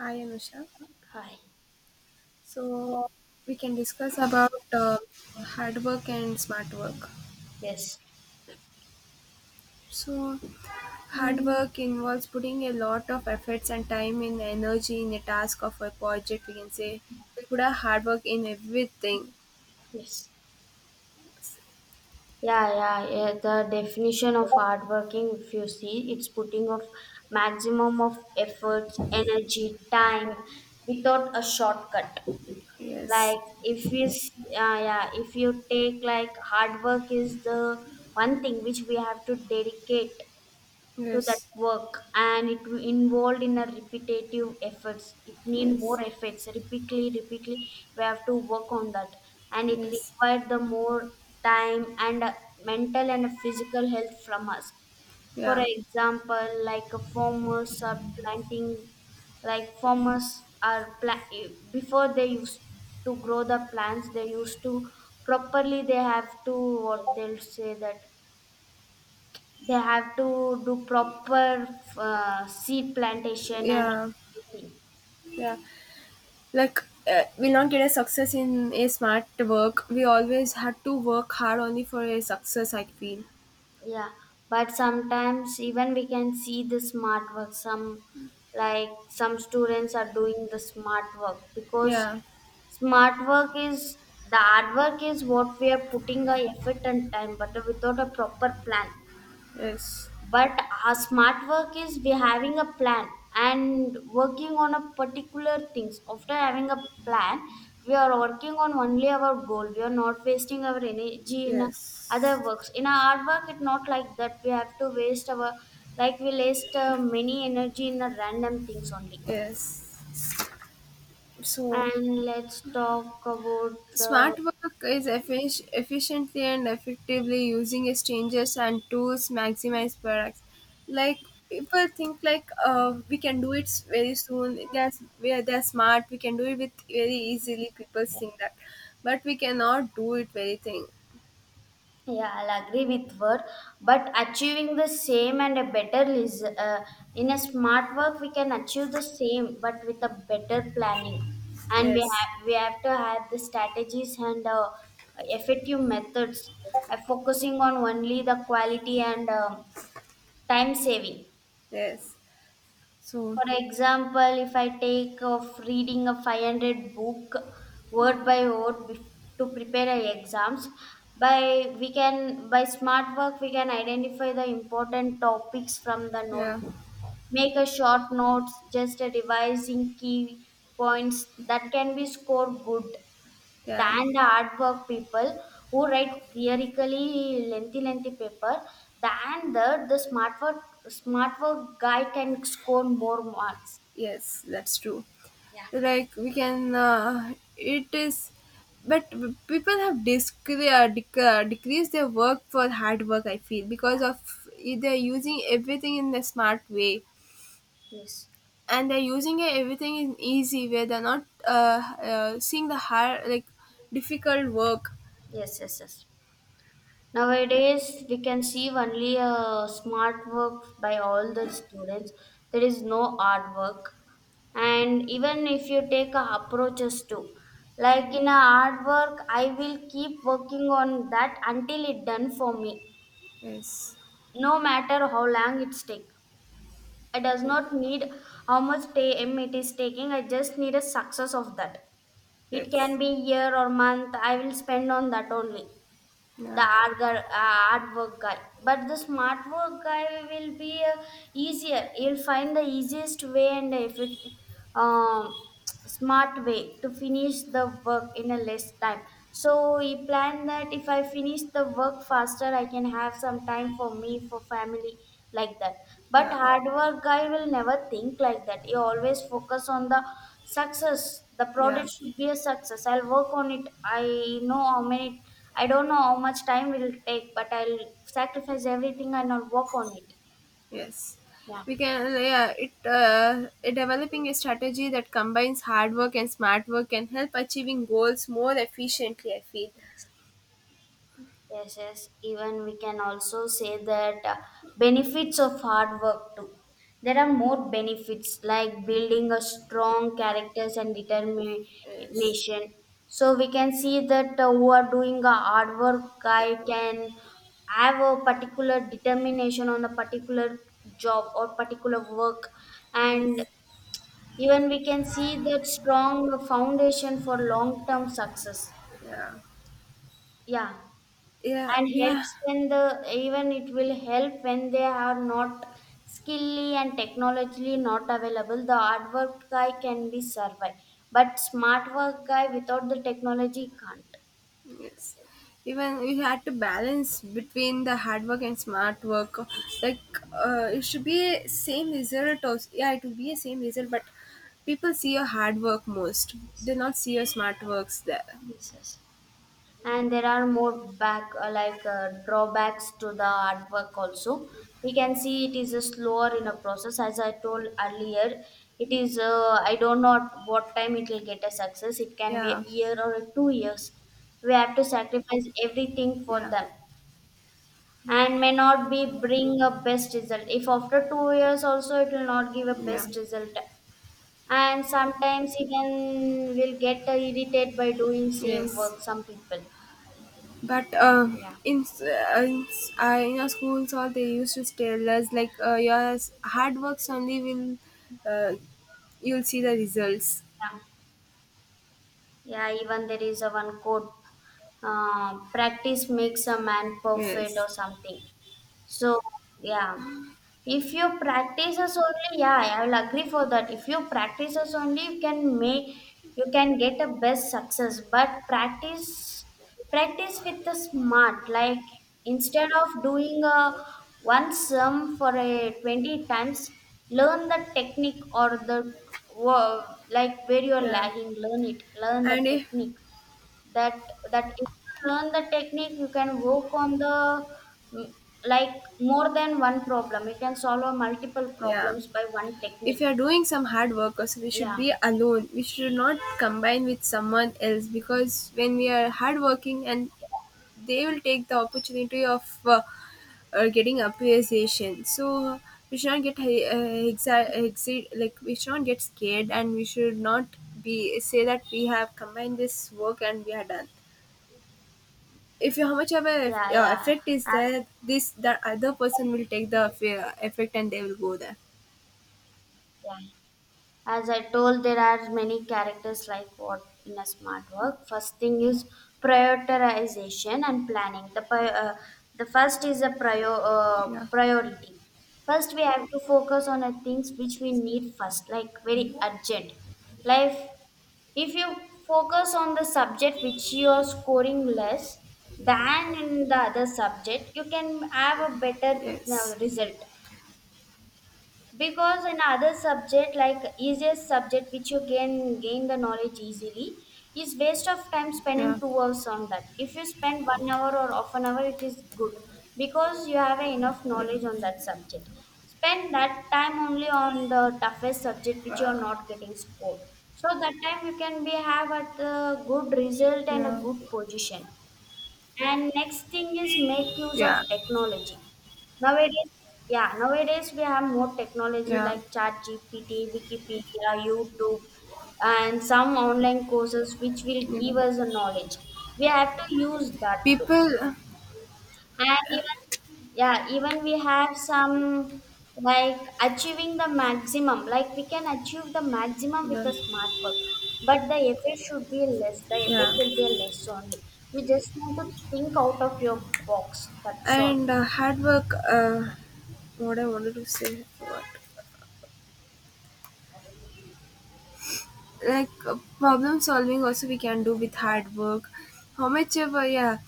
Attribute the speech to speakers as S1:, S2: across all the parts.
S1: Hi, Anusha.
S2: Hi.
S1: So
S2: So,
S1: we can discuss about hard work and smart work.
S2: yes.
S1: So hard work involves putting a lot of efforts and time and energy in a task of a project. We can say we put a hard work in everything.
S2: Yes. Yeah, yeah, yeah. The definition of hardworking, if you see, it's putting of maximum of efforts, energy, time without a shortcut.
S1: Yes,
S2: Like if you, yeah, yeah, if you take like hard work is the one thing which we have to dedicate to that
S1: yes,
S2: work, and it involved in a repetitive efforts, it need more
S1: yes,
S2: efforts repeatedly repeatedly we have to work on that. And it
S1: yes.
S2: required the more time and mental and physical health from us. For
S1: Yeah,
S2: example, like farmers are planting, like farmers are pla- before they used to grow the plants they used to properly, they have to what they'll say, that they have to do proper seed plantation and
S1: yeah,
S2: everything.
S1: yeah. Like we'll not get a success in a smart work. We always had to work hard only for a success. I feel.
S2: Yeah, but sometimes even we can see the smart work. Some Like some students are doing the smart work, because
S1: Yeah.
S2: smart work is the hard work is what we are putting our effort and time, but without a proper plan.
S1: Yes.
S2: But our smart work is, we having a plan and working on a particular things after having a plan, we are working on only our goal, we are not wasting our energy in other
S1: Yes.
S2: works. In our hard work, it's not like that, we have to waste our, like we waste many energy in a random things only.
S1: Yes. So,
S2: And let's talk about the—
S1: smart work is efficiently and effectively using exchanges and tools maximize products. Like people think like we can do it very soon. That's where they're smart. We can do it with very easily. People think that, but we cannot do it very thing.
S2: Yeah, I'll agree with her. But achieving the same and a better is, in a smart work, we can achieve the same, but with a better planning. And
S1: Yes.
S2: we have to have the strategies and effective methods, focusing on only the quality and time saving.
S1: Yes. So
S2: For example, if I take of reading a 500 book word by word, to prepare our exams, by we can by smart work we can identify the important topics from the
S1: yeah.
S2: notebooks, make a short notes, just a revising key points that can be scored good
S1: Yeah.
S2: than the hard work people who write theoretically lengthy lengthy paper, than the smart work guy can score more marks.
S1: Yes, that's true.
S2: Yeah.
S1: Like we can, it is, but people have decreased their work for hard work. I feel because of e, they're using everything in a smart way,
S2: Yes,
S1: and they're using everything in easy way. They're not seeing the hard like difficult work.
S2: yes, yes, yes. Nowadays we can see only smart work by all the students, there is no hard work. And even if you take approaches too, like in a hard work I will keep working on that until it done for me,
S1: Yes,
S2: no matter how long it's take. I does not need how much time it is taking, I just need a success of that, it can
S1: yes,
S2: be year or month I will spend on that only,
S1: yeah,
S2: the hard work guy. But the smart work guy will be easier, he'll find the easiest way and efficient, um, smart way to finish the work in a less time. So he planned that if I finish the work faster I can have some time for me, for family, like that. But
S1: yeah,
S2: hard work guy will never think like that, he always focus on the success, the
S1: yeah.
S2: product should be a success, I'll work on it, I know how many. I don't know how much time will take, but I'll sacrifice everything and I'll work on it.
S1: Yes,
S2: Yeah.
S1: we can. Yeah, it developing a strategy that combines hard work and smart work can help achieving goals more efficiently. I feel.
S2: Yes, yes. Even we can also say that, benefits of hard work too. There are more benefits like building a strong characters and
S1: Yes.
S2: determination. So we can see that, who are doing a hard work guy can have a particular determination on a particular job or particular work,
S1: Yes.
S2: and even we can see that strong foundation for long term success.
S1: Yeah.
S2: Yeah.
S1: Yeah.
S2: And
S1: Yeah.
S2: helps when the even it will help when they are not skilly and technologically not available. The hard work guy can be survive, but smart work guy without the technology can't.
S1: Yes. Even we had to balance between the hard work and smart work. Like it should be same result. Also. Yeah, it will be a same result, but people see your hard work most. They not see your smart works there.
S2: And there are more back like drawbacks to the artwork also, we can see it is a slower in a process, as I told earlier. It is, I don't know at what time it will get a success, it can be a
S1: Yeah.
S2: year or a 2 years. We have to sacrifice everything for
S1: Yeah.
S2: them, and may not be bring a best result. If after 2 years also it will not give a
S1: Yeah.
S2: best result, and sometimes even will get irritated by doing same
S1: Yes.
S2: work, some people.
S1: But
S2: Yeah,
S1: in our schools, all they used to tell us like your hard work only will uh, you'll see the results.
S2: yeah. Yeah, even there is a one quote, practice makes a man perfect
S1: Yes.
S2: or something. So, yeah, if you practices only, yeah, I will agree for that. If you practices only, you can make, you can get a best success. But practice, practice with the smart. Like instead of doing a one sum for a 20 times, learn the technique or the, wo- like where you are
S1: Yeah.
S2: lagging. Learn it. Learn the
S1: And if
S2: technique, that that if you learn the technique you can work on the, mm, like more than one problem, you can solve a multiple
S1: yeah.
S2: problems by one
S1: If you
S2: technique.
S1: are doing some hard work also, we should
S2: Yeah,
S1: be alone. We should not combine with someone else because when we are hard working, and they will take the opportunity of getting appreciation. So we should not get like we should not get scared, and we should not be say that we have combined this work and we are done. If you how much of a
S2: yeah, yeah.
S1: effect is
S2: As,
S1: there, this that other person will take the effect and they will go there.
S2: yeah, as I told, there are many characters like, what in a smart work first thing is prioritization and planning. The the first is a
S1: Yeah,
S2: priority. First we have to focus on the things which we need first, like very urgent life. If you focus on the subject which you are scoring less than in the other subject, you can have a better,
S1: yes,
S2: result. Because in other subject, like easiest subject which you can gain the knowledge easily, is waste of time spending
S1: yeah.
S2: 2 hours on that. If you spend 1 hour or half an hour it is good, because you have enough knowledge on that subject. Spend that time only on the toughest subject which you are
S1: Uh,
S2: not getting scored, so that time you can be have at a good result and a
S1: yeah,
S2: good position. And next thing is make use of
S1: yeah,
S2: technology. Nowadays, yeah, nowadays we have more technology
S1: yeah.
S2: like ChatGPT, Wikipedia, YouTube, and some online courses which will give
S1: Even
S2: us a knowledge. We have to use that too.
S1: people,
S2: And even, yeah, even we have some, like achieving the maximum, like we can achieve the maximum with
S1: well,
S2: the smart work, but the effort should be less. The
S1: yeah,
S2: effort will be less only. You just need to think out of your box. That's
S1: and
S2: all.
S1: hard work.
S2: Yeah.
S1: What I wanted to say, what like problem solving also we can do with hard work. How much ever, yeah,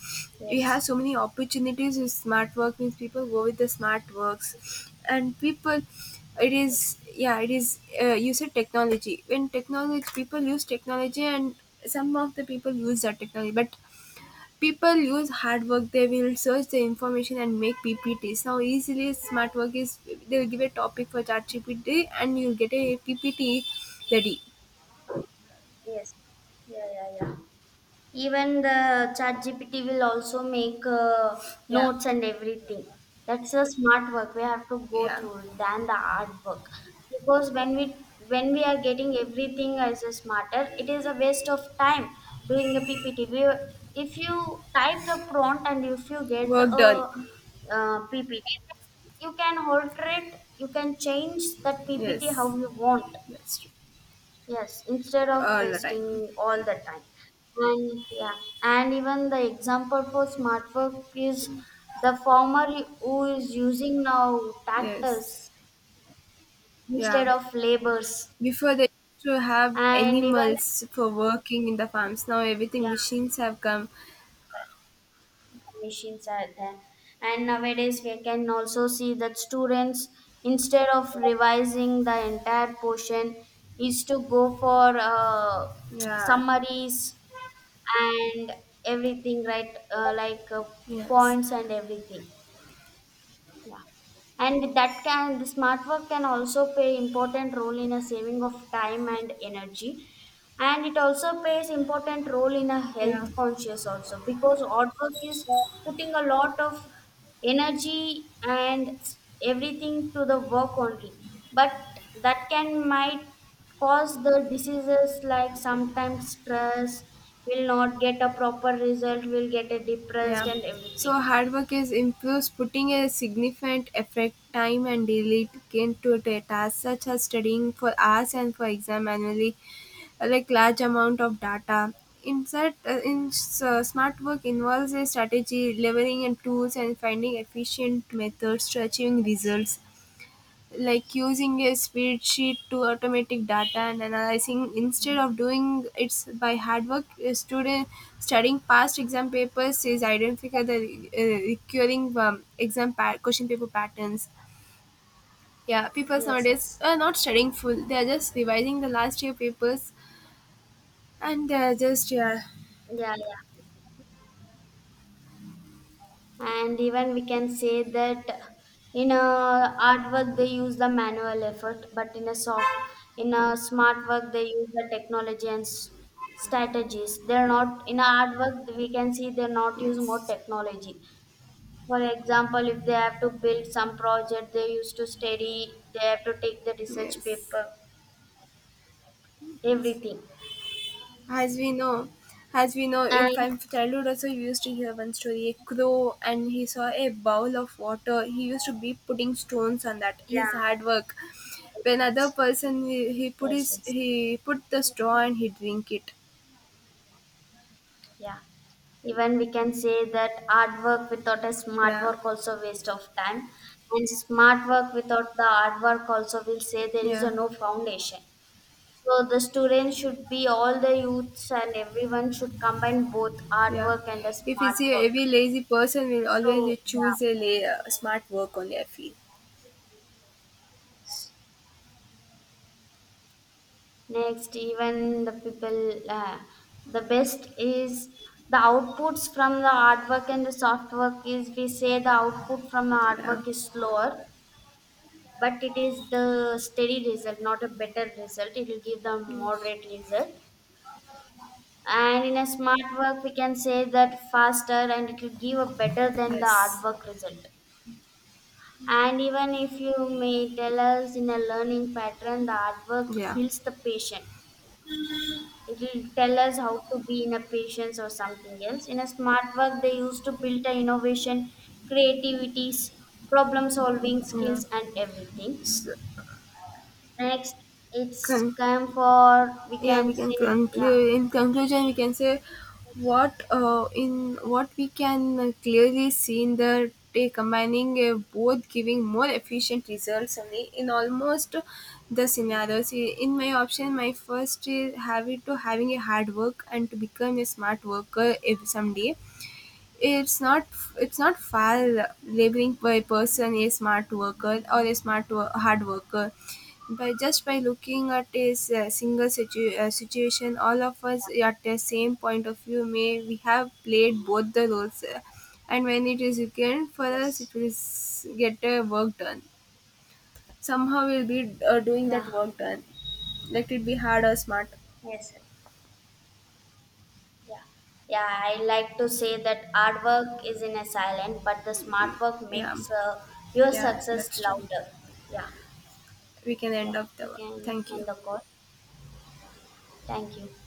S1: we have
S2: Yes.
S1: so many opportunities with smart work means people go with the smart works, and people, it is
S2: Yes.
S1: yeah, it is. You said technology when technology people use technology, and some of the people use that technology, but people use hard work, they will search the information and make PPTs. Now, easily smart work is they'll give a topic for ChatGPT and you'll get a PPT ready.
S2: Yes. Yeah, yeah, yeah. Even the Chat GPT will also make,
S1: Yeah,
S2: notes and everything. That's a smart work. We have to go
S1: yeah,
S2: through it than the hard work. Because when we are getting everything as a smarter, it is a waste of time doing a PPT. We, if you type the prompt and if you get
S1: work
S2: a,
S1: done.
S2: PPT, you can alter it. You can change that PPT how
S1: Yes,
S2: you want.
S1: that's true.
S2: Yes, instead of
S1: All the time.
S2: wasting all the time. And yeah, and even the example for smart work is the farmer who is using now
S1: Yes,
S2: tractors
S1: yeah.
S2: instead of labors.
S1: Before they used to have
S2: And even,
S1: animals for working in the farms, now everything
S2: yeah,
S1: machines have come.
S2: machines are there. And nowadays we can also see that students, instead of revising the entire portion, is to go for
S1: Yeah,
S2: summaries and everything, right,
S1: yes,
S2: points and everything, yeah. And that can the smart work can also play important role in a saving of time and energy. And it also plays important role in a
S1: yeah.
S2: health conscious also, because odd work is putting a lot of energy and everything to the work only. But that can might cause the diseases, like sometimes stress will not get a proper result, will get a depressed
S1: Yeah.
S2: and
S1: So
S2: everything.
S1: hard work is improves putting a significant effort, time and dedication to a task such as studying for hours and for exam annually, like large amount of data. In such, smart work involves a strategy, leveraging and tools and finding efficient methods to achieving results, like using a spreadsheet to automatic data and analyzing instead of doing it by hard work. A student studying past exam papers is identify the recurring question paper patterns. Yeah, people
S2: Yes,
S1: nowadays
S2: yes.
S1: are not studying full, they are just revising the last year papers, and they are just yeah,
S2: Yeah, yeah. And even we can say that in a hard work they use the manual effort, but in a smart work they use the technology and strategies. They're not in a hard work, we can see they not use more
S1: yes,
S2: technology. For example, if they have to build some project they used to study, they have to take the research
S1: yes,
S2: paper,
S1: yes.
S2: everything.
S1: As we know, as we know, in
S2: And
S1: from childhood also you used to hear one story, a crow and he saw a bowl of water. He used to be putting stones on that.
S2: yeah,
S1: His hard work.
S2: yes,
S1: When other
S2: yes,
S1: person he put
S2: yes,
S1: his
S2: yes.
S1: he put the straw and he drink it.
S2: Yeah. Even we can say that hard work without a smart
S1: Yeah,
S2: work also waste of time. And smart work without the hard work also will say there is a
S1: yeah,
S2: no foundation. So the students should be, all the youths and everyone should combine both hard
S1: yeah.
S2: work and a
S1: If you
S2: smart
S1: see
S2: work.
S1: every lazy person will
S2: So
S1: always choose
S2: yeah.
S1: smart work only. I feel.
S2: Next, even the people, the best is, the outputs from the hard work and the soft work, is we say the output from the hard
S1: Yeah.
S2: work is slower, but it is the steady result, not a better result. It will give the
S1: Yes.
S2: moderate result. And in a smart work, we can say that faster, and it will give a better than the hard
S1: Yes.
S2: work result. And even if you may tell us in a learning pattern, the hard work
S1: Yeah.
S2: builds the patient. It will tell us how to be in a patience or something else. In a smart work, they used to build the innovation, creativities, problem solving
S1: Yeah.
S2: skills, and everything.
S1: So,
S2: Next, it's
S1: con-
S2: come for we
S1: yeah,
S2: can
S1: we can
S2: say, yeah.
S1: conclude. In conclusion, we can say what in what we can clearly see in the day, combining both giving more efficient results only in almost the scenarios. In my option, my first is habit to having a hard work and to become a smart worker. If someday it's not, it's not foul labeling by a person, a smart worker or a hard worker, by just by looking at a a single situation, all of us at the same point of view, may we have played both the roles and when it is weekend for us, it
S2: Yes,
S1: will get a work done. Somehow we'll be doing that
S2: yeah,
S1: work done. Let it be hard or smart.
S2: yes, sir. Yeah, yeah. I like to say that hard work is in a silent, but the smart work
S1: Yeah,
S2: makes your
S1: yeah,
S2: success
S1: that's true.
S2: louder. Yeah,
S1: We can end
S2: yeah.
S1: up the
S2: We can
S1: thank you.
S2: end the call. Thank you.